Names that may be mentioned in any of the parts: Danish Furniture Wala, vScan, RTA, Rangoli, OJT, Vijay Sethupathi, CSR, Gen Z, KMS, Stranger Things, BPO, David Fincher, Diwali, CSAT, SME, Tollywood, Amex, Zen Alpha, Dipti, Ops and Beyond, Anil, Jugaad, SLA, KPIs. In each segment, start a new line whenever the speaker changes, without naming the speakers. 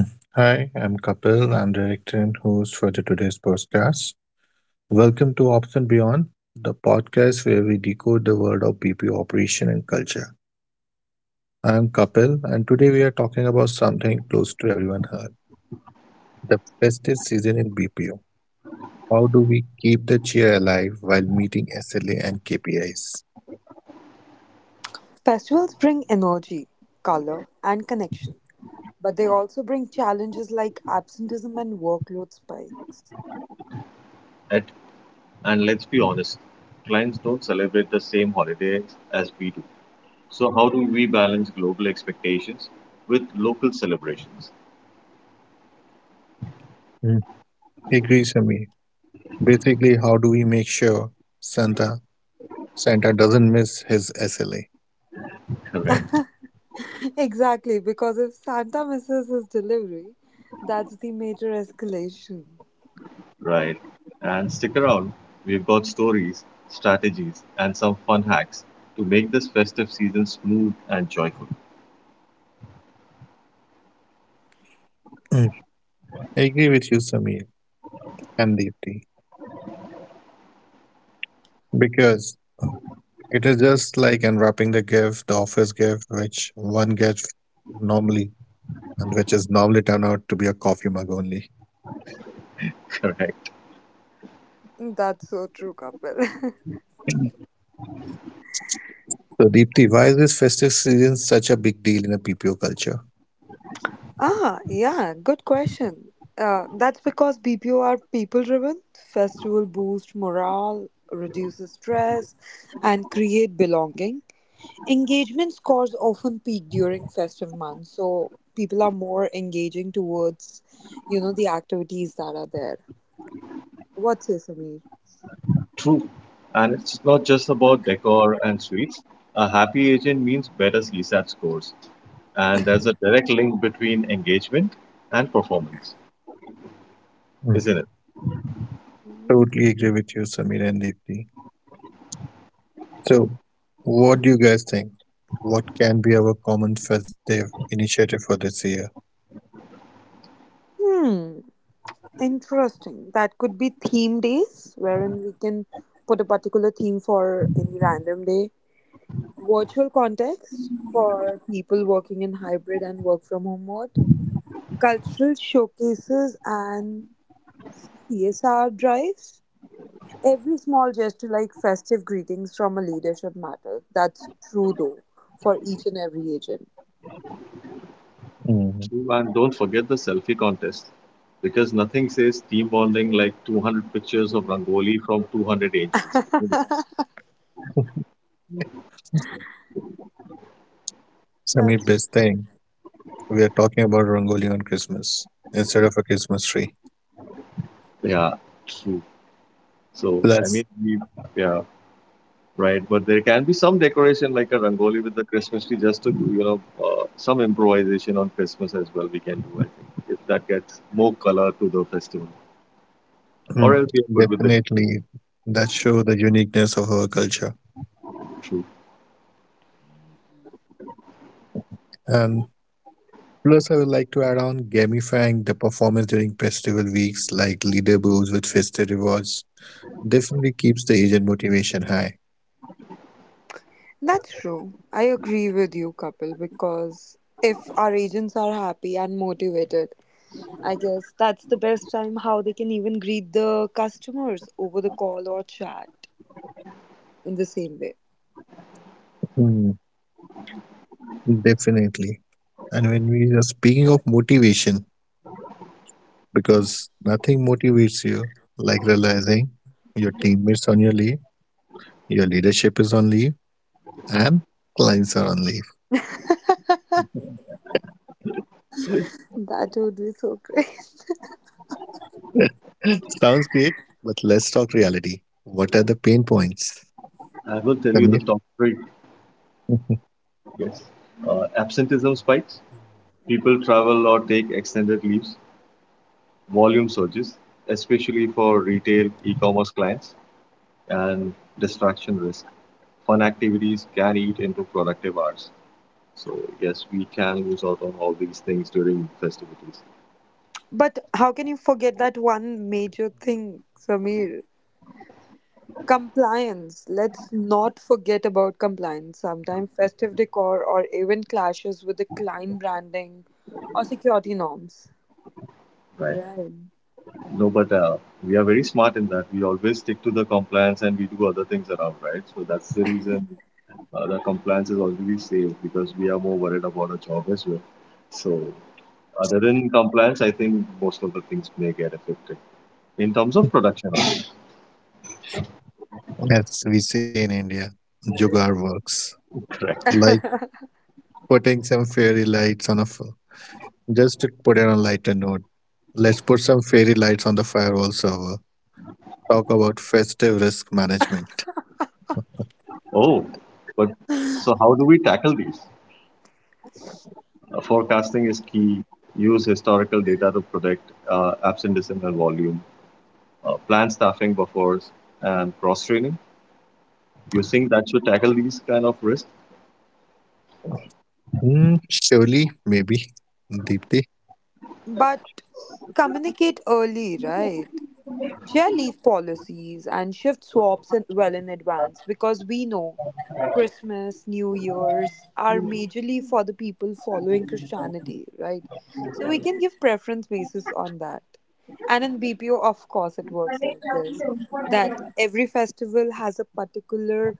Mm. Hi, I'm Kapil. I'm director and host for the today's podcast. Welcome to Ops and Beyond, the podcast where we decode the world of BPO operation and culture. I'm Kapil, and today we are talking about something close to everyone heard: the festive season in BPO. How do we keep the cheer alive while meeting SLA and KPIs?
Festivals bring energy, color, and connection, but they also bring challenges like absenteeism and workload spikes.
At, and let's be honest, clients don't celebrate the same holiday as we do. So how do we balance global expectations with local celebrations?
Mm. Agree, Sami. Basically, how do we make sure Santa Santa doesn't miss his SLA?
Correct.
Exactly, because if Santa misses his delivery, that's the major escalation.
Right. And stick around, we've got stories, strategies, and some fun hacks to make this festive season smooth and joyful.
Mm. I agree with you, Samir, and deeply because it is just like unwrapping the gift, the office gift, which one gets normally and which is normally turned out to be a coffee mug only.
Correct.
That's so true, Kapil.
So, Deepti, why is this festive season such a big deal in a PPO culture?
Yeah, good question. That's because BPO are people driven. Festival boost morale, reduces stress, and create belonging. Engagement scores often peak during festive months, so people are more engaging towards, the activities that are there. What say, Samir?
True. And it's not just about decor and sweets. A happy agent means better CSAT scores. And there's a direct link between engagement and performance, isn't
Mm.
it?
Totally agree with you, Samir and Deepti. So, what do you guys think? What can be our common festive initiative for this year?
Hmm, interesting. That could be theme days, wherein we can put a particular theme for any random day. Virtual context for people working in hybrid and work from home mode. Cultural showcases and CSR drives. Every small gesture, like festive greetings from a leadership, matters. That's true, though, for each and every agent.
Mm.
True, and don't forget the selfie contest, because nothing says team bonding like 200 pictures of Rangoli from 200 angels. Isn't
Samir,
That's
best thing, we are talking about Rangoli on Christmas instead of a Christmas tree.
it? Yeah, true. So, I mean,
Plus,
we, yeah, right. But there can be some decoration like a Rangoli with the Christmas tree just to do, some improvisation on Christmas as well. We can do, I think, if that gets more color to the festival. Or else
Mm.
we are good with the Christmas
Definitely, that show the uniqueness of our culture.
tree. True.
And plus, I would like to add on gamifying the performance during festival weeks, like leaderboards with festive rewards, definitely keeps the agent motivation high.
that's true. I agree with you, Kapil, because if our agents are happy and motivated, I guess that's the best time how they can even greet the customers over the call or chat in the same way.
Mm. Definitely. And when we are speaking of motivation, because nothing motivates you like realizing your teammates on your leave, your leadership is on leave, and clients are on leave.
That would be so great.
Sounds great, but let's talk reality. What are the pain points,
I will tell you the
Samir?
top three. Yes. Absenteeism spikes. People travel or take extended leaves, volume surges, especially for retail e-commerce clients, and distraction risk. Fun activities can eat into productive hours. So yes, we can lose out on all these things during festivities.
But how can you forget that one major thing, Samir? Compliance. Let's not forget about compliance. Sometimes festive decor or even clashes with the client branding or security norms.
Right.
Right.
No, but we are very smart in that. We always stick to the compliance and we do other things around, right? So that's the reason the compliance is already safe, because we are more worried about our job as well. So other than compliance, I think most of the things may get affected in terms of production.
As we say in India, Jugaad works
Correct.
like putting some fairy lights on a just to put it on a lighter note. Let's put some fairy lights on the firewall server. Talk about festive risk management.
Oh, but so how do we tackle these? Forecasting is key. Use historical data to predict absenteeism and volume. Plan staffing buffers and cross training. You think that should tackle these kind of risks?
Mm, surely, maybe, Deepthi.
but communicate early, right? Share leave policies and shift swaps in, well in advance, because we know Christmas, New Year's are majorly for the people following Christianity, right? So we can give preference basis on that. And in BPO, of course, it works like this that every festival has a particular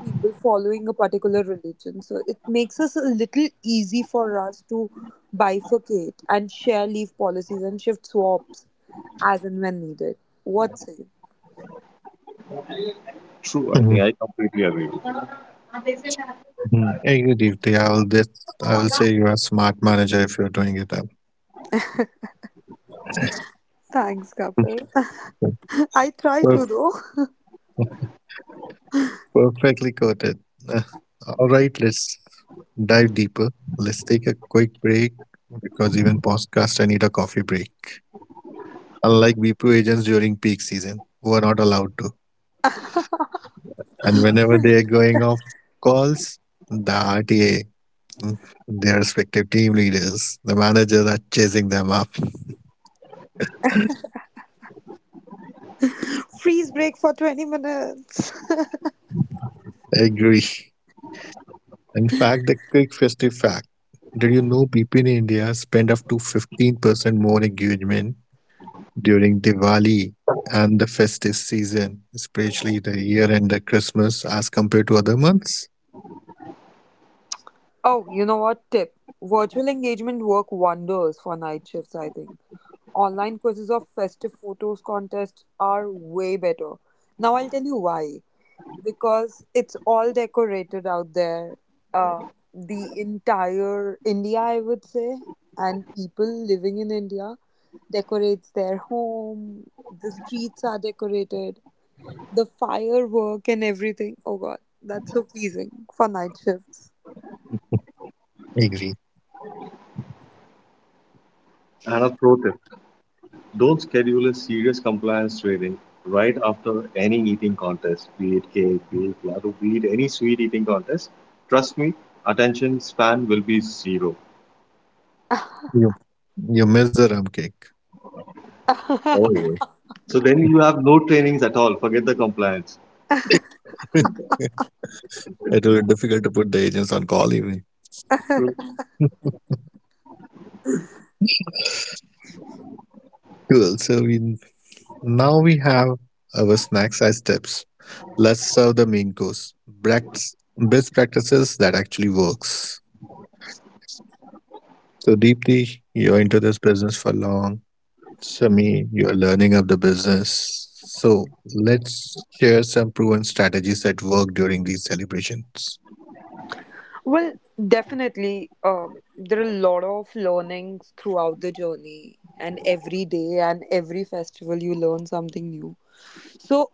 people following a particular religion. So it makes us a little easy for us to bifurcate and share leave policies and shift swaps as and when needed. What say? You?
True, I think
Mhm.
I completely agree with you.
Mhm. I agree, Deepthi. I will this. I will say you are a smart manager if you're doing it up.
Thanks, Kapil. I try to
Perfect.
though.
Perfectly quoted. Uh, All right, let's dive deeper. Let's take a quick break because even podcast I need a coffee break. Unlike BPO agents during peak season, who are not allowed to, and whenever they are going off calls, the RTA, mm, their respective team leaders, the managers are chasing them up.
Freeze break for 20 minutes.
I agree. In fact, the quick festive fact: did you know people in India spend up to 15% more engagement during Diwali and the festive season, especially the year end the Christmas as compared to other months?
Oh, you know what? Tip. Virtual engagement work wonders for night shifts, I think. Online quizzes of festive photos contest are way better. Now I'll tell you why. Because it's all decorated out there. Uh, the entire India, I would say, and people living in India decorates their home. The streets are decorated. The firework and everything. Oh God, that's so pleasing for night shifts.
Agree.
And a pro tip: don't schedule a serious compliance training right after any eating contest, be it cake, be it laddu, be it any sweet eating contest. Trust me, attention span will be zero.
You, you miss the rum cake.
Oh yeah. So then you have no trainings at all. Forget the compliance.
It will be difficult to put the agents on call even.
True,
Cool. So, we now we have our snacks as tips. Let's serve the main course. Best practices that actually works. So, deeply, you're into this business for long. Sami, you're learning of the business. So let's share some proven strategies that work during these celebrations.
well, definitely, there are a lot of learnings throughout the journey, and every day and every festival, you learn something new. So,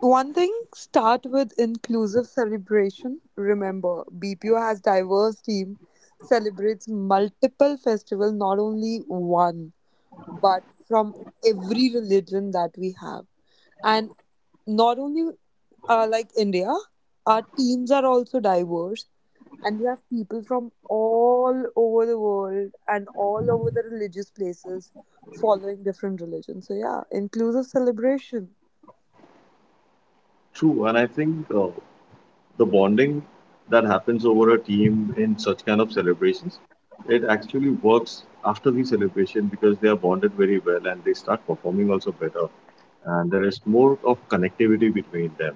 one thing start with inclusive celebration. Remember, BPO has diverse team, celebrates multiple festival, not only one, but from every religion that we have. And not only like India, our teams are also diverse, and we have people from all over the world and all over the religious places following different religions. So yeah, inclusive celebration.
true. And I think the bonding that happens over a team in such kind of celebrations, it actually works after the celebration, because they are bonded very well and they start performing also better. And there is more of connectivity between them.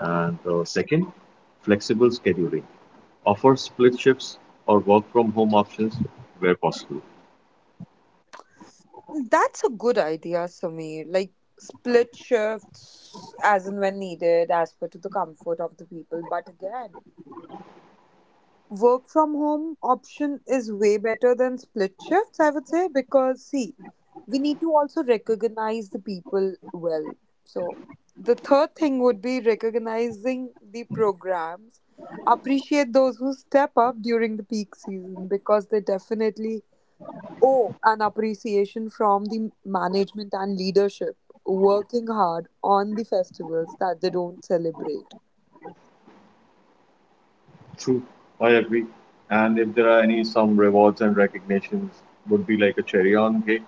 And the second, flexible scheduling. Offer split shifts or work from home options where possible.
That's a good idea, Sameer. Like split shifts as and when needed, as per to the comfort of the people. But again, work from home option is way better than split shifts, I would say, because see, we need to also recognize the people well. So the third thing would be recognizing the programs. Appreciate those who step up during the peak season because they definitely. Oh, an appreciation from the management and leadership working hard on the festivals that they don't celebrate.
True, I agree. And if there are any some rewards and recognitions would be like a cherry on cake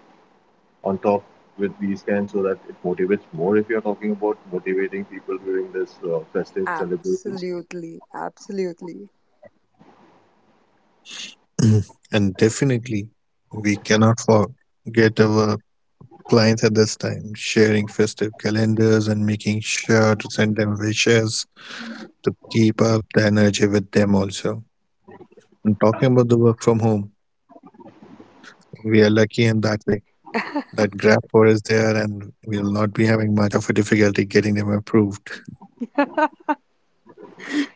on top with vScan, so that it motivates more if you're talking about motivating people during this festive celebrations.
Absolutely, absolutely.
Mm. And definitely, we cannot forget our clients at this time, sharing festive calendars and making sure to send them wishes to keep up the energy with them also. And talking about the work from home, we are lucky in that way that grab is there and we'll not be having much of a difficulty getting them approved.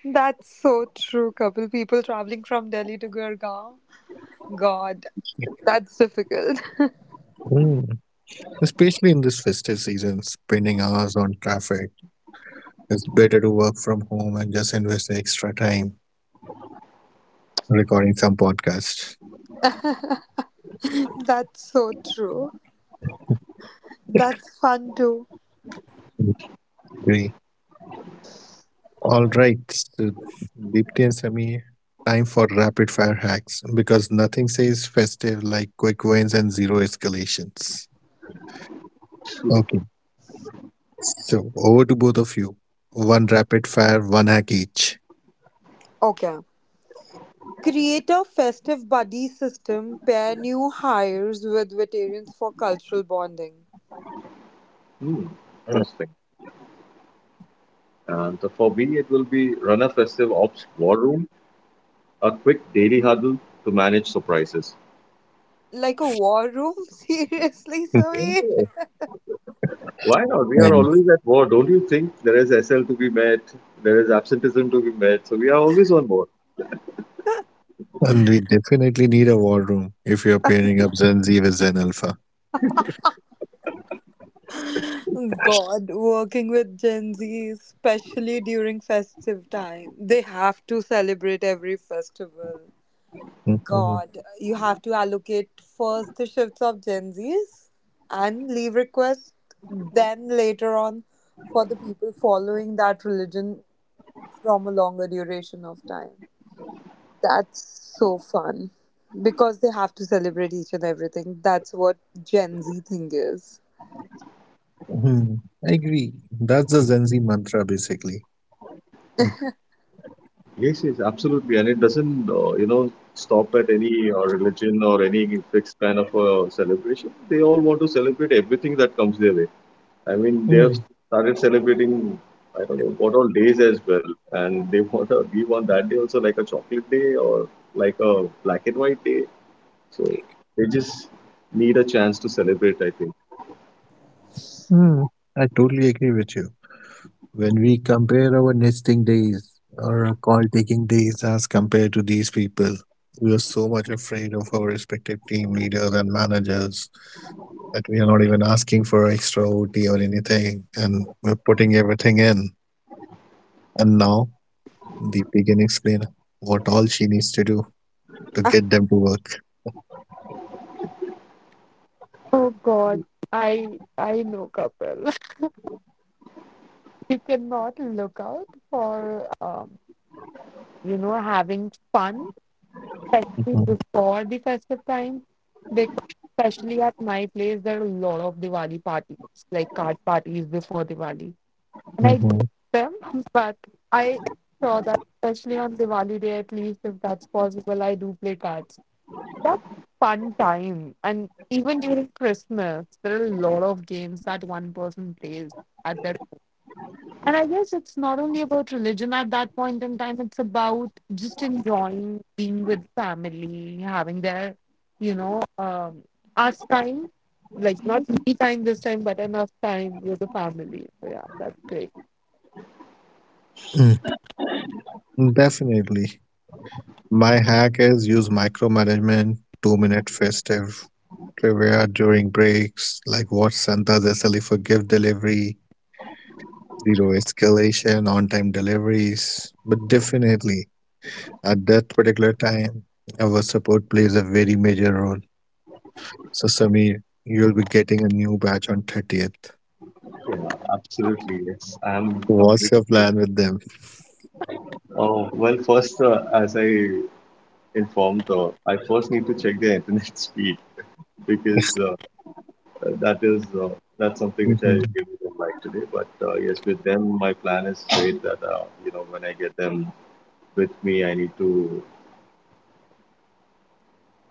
That's so true, Couple. People traveling from Delhi to Gurgaon. God, that's difficult.
Mm. Especially in this festive season, spending hours on traffic. It's better to work from home and just invest the extra time recording some podcasts.
That's so true. That's fun too.
Agree. All right, so Deepti and Samir, time for rapid fire hacks because nothing says festive like quick wins and zero escalations. Okay, so over to both of you. One rapid fire, one hack each.
Okay. Create a festive buddy system, pair new hires with veterans for cultural bonding.
Hmm, interesting. And so for me, it will be run a festive ops war room, a quick daily huddle to manage surprises.
Like a war room? Seriously,
Mm.
Sameer?
Oh, why not? We are
And,
always at war. Don't you think there is SL to be met? There is absenteeism to be met. So we are always on board.
and we definitely need a war room if you're pairing up Gen Z with Zen Alpha.
God, working with Gen Z, especially during festive time. They have to celebrate every festival. God, you have to allocate first the shifts of Gen Zs and leave requests, then later on for the people following that religion from a longer duration of time. That's so fun because they have to celebrate each and everything. That's what Gen Z thing is.
Hmm. I agree. That's the Gen Z mantra, basically. I,
Yes, yes, absolutely. And it doesn't, stop at any religion or any fixed kind of celebration. They all want to celebrate everything that comes their way. I mean, they have
Hmm,
started celebrating, I don't know, what all days as well. And they want to give on that day also, like a chocolate day or like a black and white day. So they just need a chance to celebrate, I think.
hmm, I totally agree with you. When we compare our nesting days or our call taking days as compared to these people, we are so much afraid of our respective team leaders and managers that we are not even asking for extra OT or anything, and we're putting everything in. And now Deepti can explain what all she needs to do to get them to work.
Oh God, I know couple. You cannot look out for having fun, especially
Hmm.
before the festive time, because especially at my place there are a lot of Diwali parties, like card parties before Diwali. And I got
Hmm.
them, but I saw that especially on Diwali day, at least if that's possible, I do play cards. That's a fun time, and even during Christmas, there are a lot of games that one person plays at their. And I guess it's not only about religion at that point in time; it's about just enjoying being with family, having their, you know, um, us time, like not me time this time, but enough time with the family. So yeah, that's great.
Mm. Definitely. My hack is use micromanagement, 2-minute festive trivia during breaks, like what's Santa's SLE for gift delivery, zero escalation, on time deliveries. But definitely, at that particular time, our support plays a very major role. So, Samir, you'll be getting a new batch on 30th.
Yeah, absolutely. Yes, I'm
What's
completely.
your plan with them?
Oh, well, first, as I informed though. I first need to check the internet speed, because that is uh, that's something which I
Mhm.
really don't like today. But yes, with them, my plan is straight that you know, when I get them with me, I need to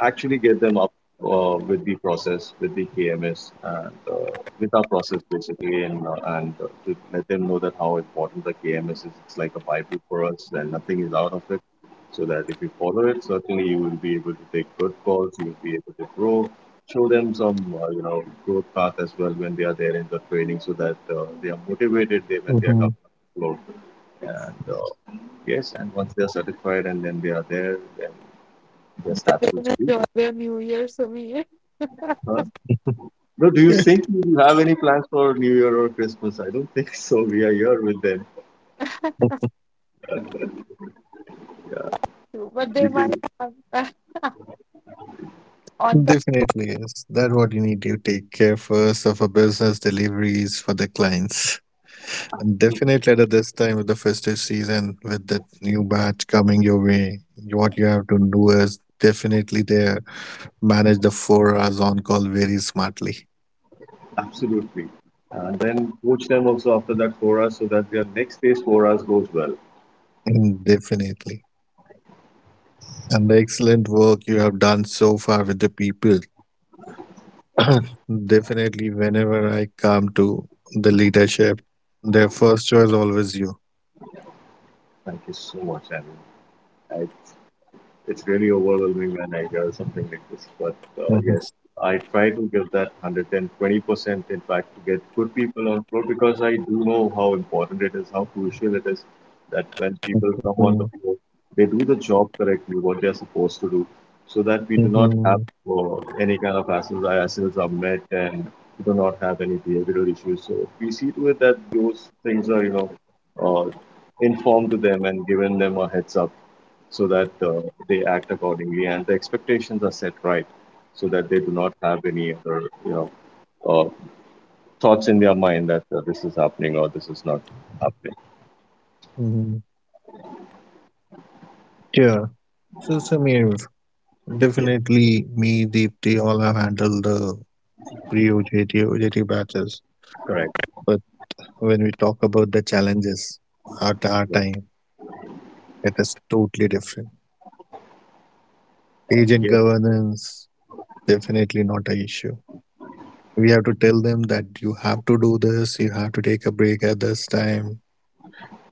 actually get them up with the process, with the KMS, and with our process basically, and to let them know that how important the KMS is. It's like a bible for us, and nothing is out of it. So that if you follow it, certainly you will be able to take good calls. You'll be able to grow. Show them some, growth path as well when they are there in the training, so that they are motivated they, when they are coming
Mhm.
afloat. And yes, and once they are certified and then they are there, then their stats will speak.
Enjoy their New Year's away,
Huh? Bro, do you think you have any plans for New Year or Christmas? I don't think so. We are here with them. Yeah,
but they
we
might
can,
have on the
Definitely, yes. That's what you need. You take care first of a business deliveries for the clients. And definitely at this time with the festive season, with the new batch coming your way, what you have to do is definitely there manage the 4 hours on call very smartly.
absolutely. And then coach them also after that for us, so that their next day's for us goes well.
And definitely. And the excellent work you have done so far with the people. Definitely whenever I come to the leadership, their first choice always you.
Thank you so much, Anil. I, it's really overwhelming when I hear something like this. But yes, I try to give that 110, 20%, in fact, to get good people on board, because I do know how important it is, how crucial it is that when people come on the
Mhm.
floor, they do the job correctly, what they're supposed to do, so that we do not have
Mhm.
any kind of hassles. Our hassles are met and we do not have any behavioral issues. So we see to it that those things are, you know, uh, informed to them and given them a heads up, so that they act accordingly and the expectations are set right, so that they do not have any other, you know, uh, thoughts in their mind that this is happening or this is not happening.
Mhm. Yeah, so Samir,
Yes,
definitely me, Deepti, all have handled the pre-OJT batches.
correct.
But when we talk about the challenges at our
Yes,
time, it is totally different. Agent
yes,
governance, definitely not an issue. We have to tell them that you have to do this, you have to take a break at this time.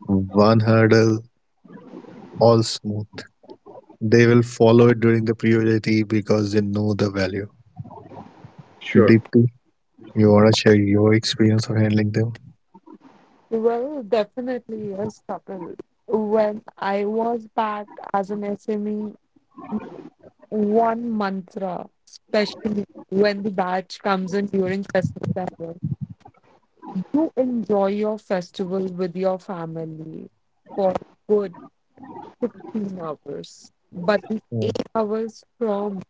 One hurdle, all smooth. They will follow it during the pre-OJT because they know the value.
sure.
Deepti? You wanna share your experience of handling them?
well, definitely yes, Kapil. When I was back as an SME, one mantra, especially when the batch comes in during festival, as well, you enjoy your festival with your family for good 16 hours. But the
Mm.
8 hours from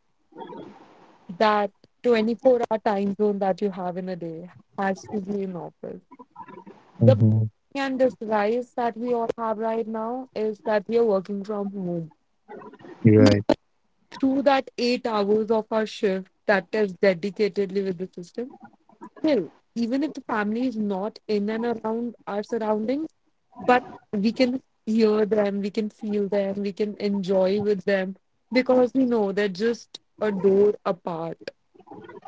that 24-hour time zone that you have in a day has to be in office. The
Hmm.
and this rise that we all have right now is that we are working from home.
Right.
Through that 8 hours of our shift that is dedicatedly with the system, still, even if the family is not in and around our surroundings, but we can hear them, we can feel them, we can enjoy with them because we know they're just a door apart.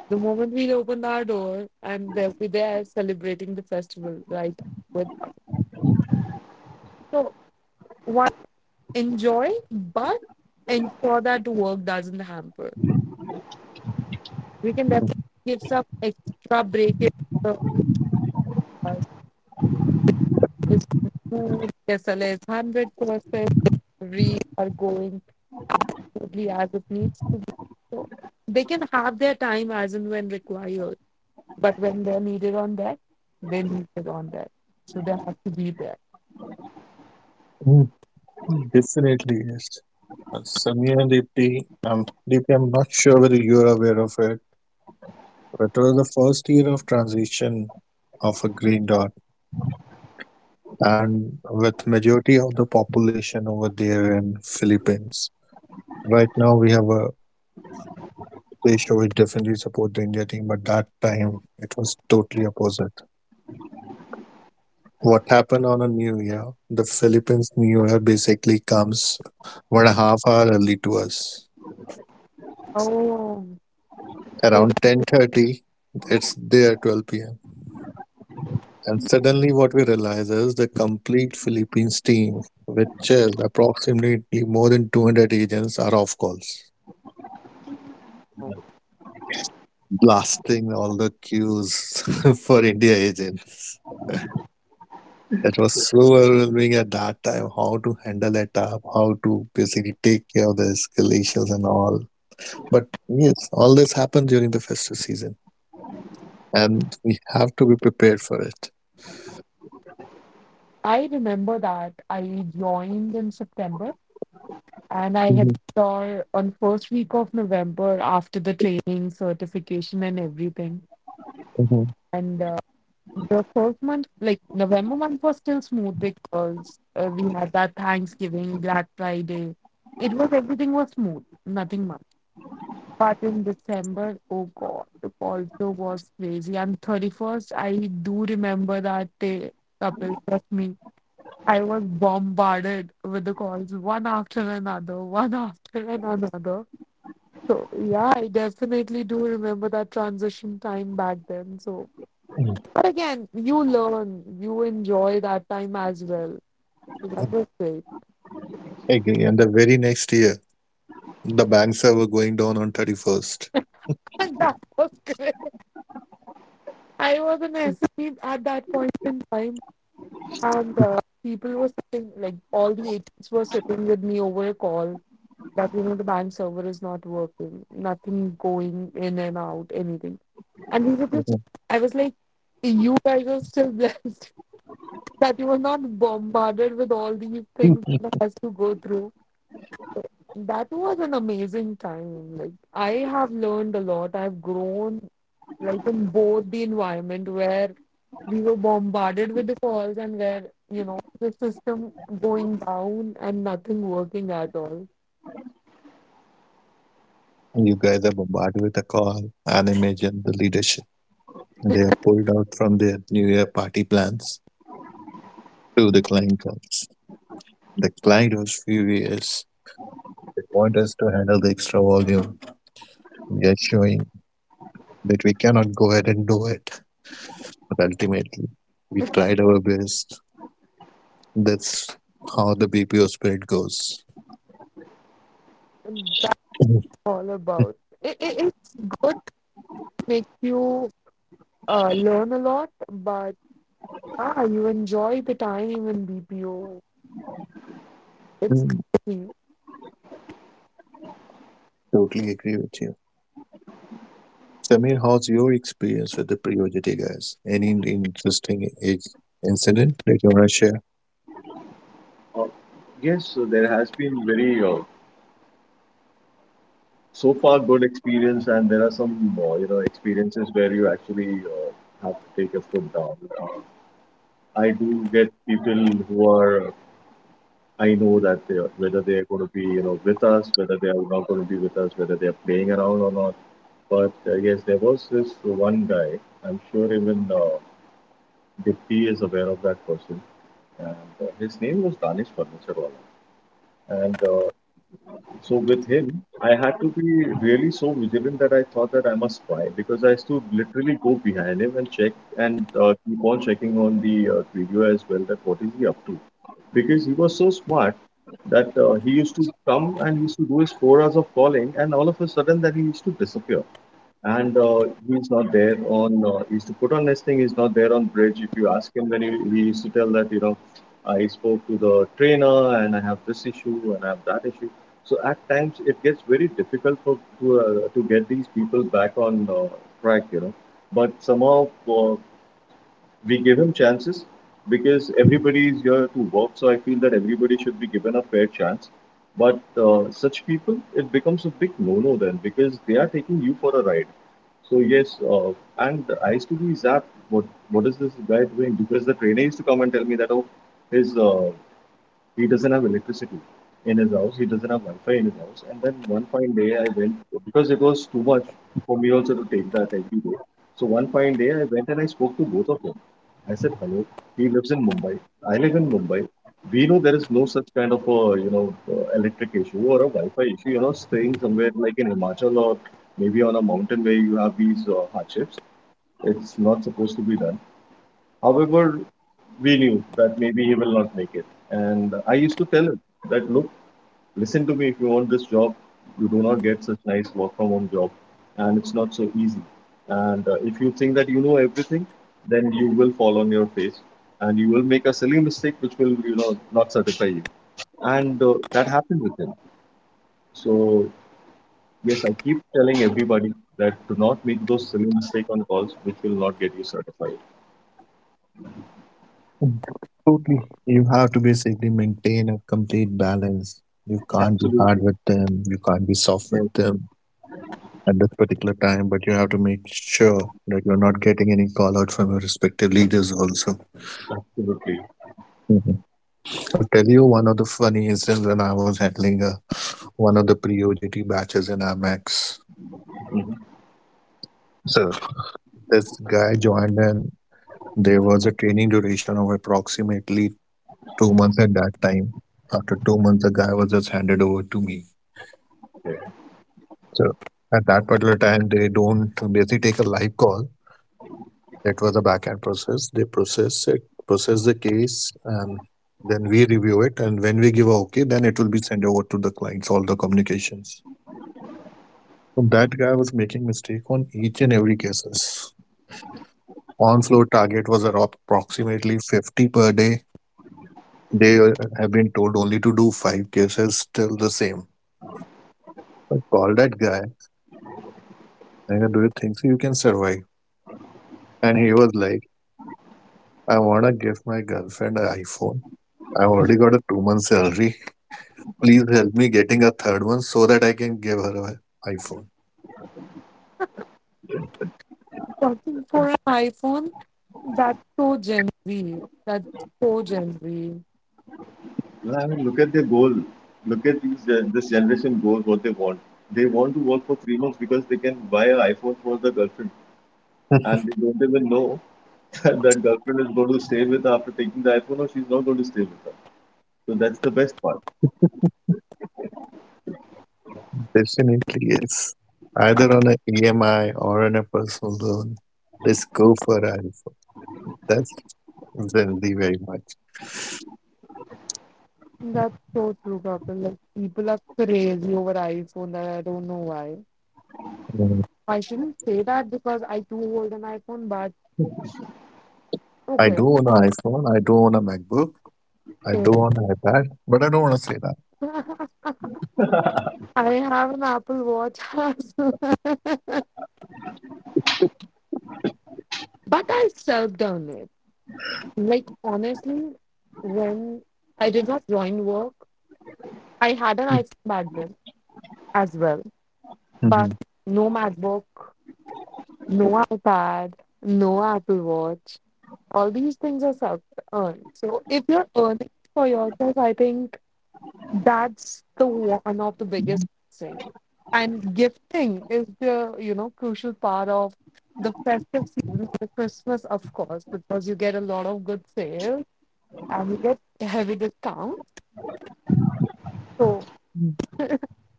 The moment we open our door and they'll be there celebrating the festival, right? With us. So one enjoy, but ensure that work doesn't hamper. We can definitely give some extra break if the uh, is food, SLA is 100%, reads are going smoothly as it needs to be. So they can have their time as and when required, but when they're needed on that, they're needed on that. So they have to be there.
Mm. Definitely, yes. Samir and Deepti, Deepti, I'm not sure whether you're aware of it, but it was the first year of transition of a green dot, and with majority of the population over there in Philippines. Right now, we have a ratio which definitely support the India team, but that time it was totally opposite. What happened on a new year, the Philippines new year basically comes 1.5 hour early to us,
Oh,
around 10:30. It's there 12 p.m., and suddenly what we realize is the complete Philippines team, which is approximately more than 200 agents, are off calls, blasting all the queues for India agents. It was
So,
so overwhelming at that time, how to handle it up, how to basically take care of the escalations and all. But yes, all this happens during the festive season, and we have to be prepared for it.
I remember that I joined in September and I had
Mhm.
saw on first week of November after the training certification and everything.
Mhm.
And the first month, like November month, was still smooth because we had that Thanksgiving, Black Friday. It was everything was smooth, nothing much. But in December, oh God, it also was crazy. And 31st, I do remember that day, couple, trust me. I was bombarded with the calls, one after another, one after another. So yeah, I definitely do remember that transition time back then. So,
Mm.
but again, you learn, you enjoy that time as well. So that
Mm.
was great.
Agree. And the very next year, the banks are were going down on 31st.
And that was great. I was an SME at that point in time, and people were sitting, like all the agents were sitting with me over a call that you know the bank server is not working, nothing going in and out, anything. And we were just, I was like, you guys are still blessed that you were not bombarded with all these things that has to go through. That was an amazing time. Like I have learned a lot. I've grown like in both the environment where we were bombarded with the calls and where, you know, the system going down and nothing working at all.
You guys are bombarded with a call, an image, and the leadership. They are pulled out from their New Year party plans to the client calls. The client was furious. They want us to handle the extra volume. We are showing that we cannot go ahead and do it. But ultimately, we tried our best. That's how the BPO spirit goes.
And that's all about. It's good to make you learn a lot, but you enjoy the time in BPO. It's
Mm.
crazy.
Totally agree with you. Samir, how's your experience with the pre guys? Any interesting incident that you want to share?
uh, yes, so there has been very so far good experience and there are some experiences where you actually have to take your foot down. uh, I do get people who are I know that they are, whether they are going to be, you know, with us, whether they are not going to be with us, whether they are playing around or not. But yes, there was this one guy. I'm sure even Dipti is aware of that person, and his name was Danish Furniture Wala. And so with him, I had to be really so vigilant that I thought that I must spy, because I used to literally go behind him and check and keep on checking on the video as well that what is he up to. Because he was so smart that he used to come and he used to do his 4 hours of calling, and all of a sudden that he used to disappear, and he's not there on he used to put on this thing, he's not there on bridge. If you ask him, then he used to tell that, you know, I spoke to the trainer and I have this issue and I have that issue. So at times it gets very difficult for to get these people back on track, you know. But somehow uh, we give him chances, because everybody is here to work. So I feel that everybody should be given a fair chance. But such people, it becomes a big no-no then, because they are taking you for a ride. So yes, and I used to be zapped. What is this guy doing? Because the trainer used to come and tell me that, oh, his he doesn't have electricity in his house. He doesn't have Wi-Fi in his house. And then one fine day, I went, because it was too much for me also to take that every day. So one fine day, I went and I spoke to both of them. I said, "Hello, he lives in Mumbai. I live in Mumbai. We know there is no such kind of a, you know, electric issue or a Wi-Fi issue. You're not staying somewhere like in Himachal or maybe on a mountain where you have these hardships. It's not supposed to be done. However, we knew that maybe he will not make it. And I used to tell him that, look, listen to me, if you want this job, you do not get such nice work from home job, and it's not so easy, and if you think that you know everything, then you will fall on your face and you will make a silly mistake which will, you know, not satisfy you, and that happened with him. So yes, I keep telling everybody that do not make those silly mistake on calls which will not get you certified.
Totally. You have to basically maintain a complete balance. You can't be
Absolutely.
hard with them, you can't be soft with them at this particular time, but you have to make sure that you're not getting any call out from your respective leaders also.
Absolutely.
Mhm. I'll tell you one of the funny instances when I was handling one of the pre-OJT batches in Amex.
Mhm.
So this guy joined and there was a training duration of approximately 2 months at that time. After 2 months, the guy was just handed over to me. So at that particular time, they don't basically take a live call. That was a back end process. They process it, process the case, and then we review it. And when we give a okay, then it will be sent over to the clients, all the communications. So that guy was making mistake on each and every cases. On floor target was approximately 50 per day. They have been told only to do five cases, still the same. I called that guy and I do you think so you can survive? And he was like, "I wanna give my girlfriend an iPhone. I've already got a 2 month salary. Please help me getting a third one so that I can give her an iPhone."
Searching for an iPhone. That's so Gen Z. That's so Gen Z.
Well, I mean, look at their goal. Look at this generation goal, what they want. They want to work for 3 months because they can buy an iPhone for the girlfriend. And they don't even know that that girlfriend is going to stay with after taking the iPhone, or she's not going to stay with her. So that's the best part.
Definitely yes. Either on an EMI or on a personal loan. Let's go for an iPhone. That's Gen Z very much.
That's so true, Kapil. Like people are crazy over iPhone and I don't know why.
Mm.
I shouldn't say that because I too hold an iPhone, but
I
okay.
do own an iPhone. I do own a MacBook. I do own an iPad. But I don't want to say that.
I have an Apple Watch but I self done it. Like honestly, when I did not join work, I had an iPhone back then as well. But
Mhm.
no MacBook, no iPad, no Apple Watch. All these things are self earned. So if you're earning it for yourself, I think that's the one of the biggest thing. And gifting is the, you know, crucial part of the festive season, the Christmas, of course, because you get a lot of good sales and you get heavy discounts. So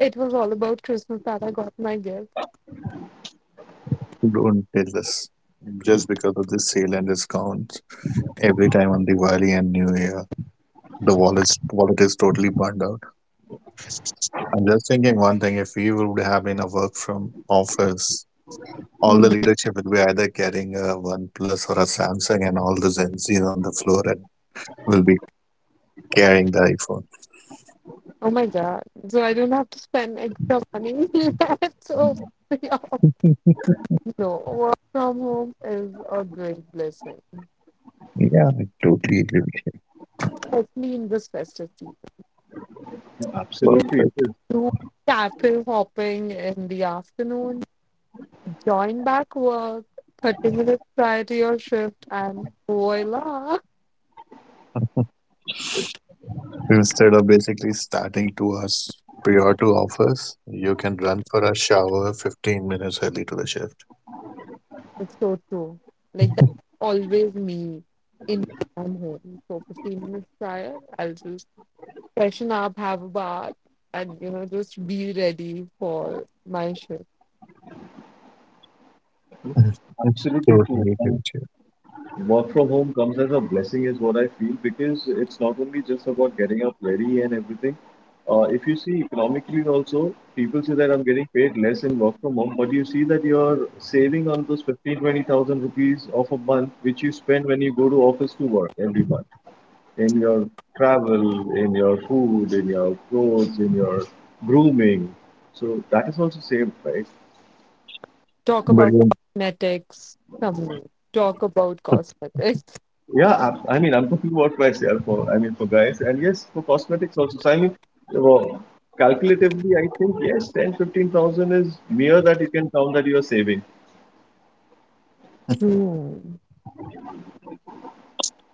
it was all about Christmas that I got my gift.
Don't tell us. Just because of this sale and discounts every time on Diwali and New Year, the wallet is totally burned out. I'm just thinking one thing: if we would have been a work from office, all the
Mm.
leadership will be either carrying a One Plus or a Samsung, and all the Gen Zs on the floor and will be carrying the iPhone.
Oh my God. So I don't have to spend extra money. so yeah. No, work from home is a great blessing,
Yeah, I totally agree with
especially in this festive season.
Yeah,
you.
absolutely. It is.
Do cattle hopping in the afternoon, join back work, 30 minutes prior to your shift, and voila!
Perfect. Instead of basically starting 2 hours prior to office, you can run for a shower 15 minutes early to the shift.
It's so true. Like, that's always me in from home. So, 15 minutes prior, I'll just freshen up, have a bath, and you know, just be ready for my shift.
Absolutely
Totally
true.
agree with you.
Work from home comes as a blessing, is what I feel, because it's not only just about getting up ready and everything. If you see economically also, people say that I'm getting paid less in work from home, but you see that you're saving on those 15,20,000 rupees of a month, which you spend when you go to office to work every month in your travel, in your food, in your clothes, in your grooming. So that is also saved, right?
Talk
But
about
you're
cosmetics, some Talk about cosmetics.
Yeah, I mean, I'm talking about for myself. For, I mean, for guys, and yes, for cosmetics also. So I mean, well, calculatively, I think yes, 10, 15,000 is mere that you can count that you are saving.
Hmm.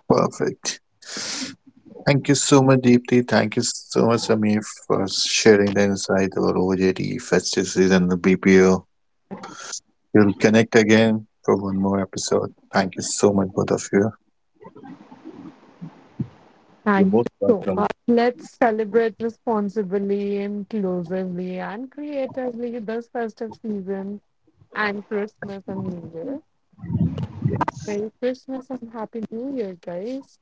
perfect. Thank you so much, Deepthi. Thank you so much, Samir, for sharing the insight about OJT, festive season, the BPO. We'll connect again for one more episode. Thank you so much, both of you.
You're
Thank
most
you so
welcome.
much. Let's celebrate responsibly, inclusively, and creatively this festive season and Christmas and New Year. Merry Christmas and Happy New Year, guys.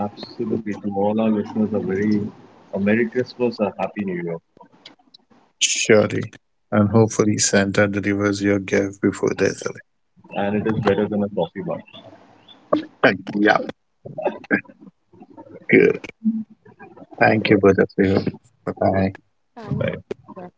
Absolutely, to all our listeners, a very a Merry Christmas, a Happy New Year,
Surely. And hopefully, Santa delivers your gift before there's a.
and it is better than a coffee bar.
Yeah, good. Thank you, both of you. Bye bye.
Thanks. Bye.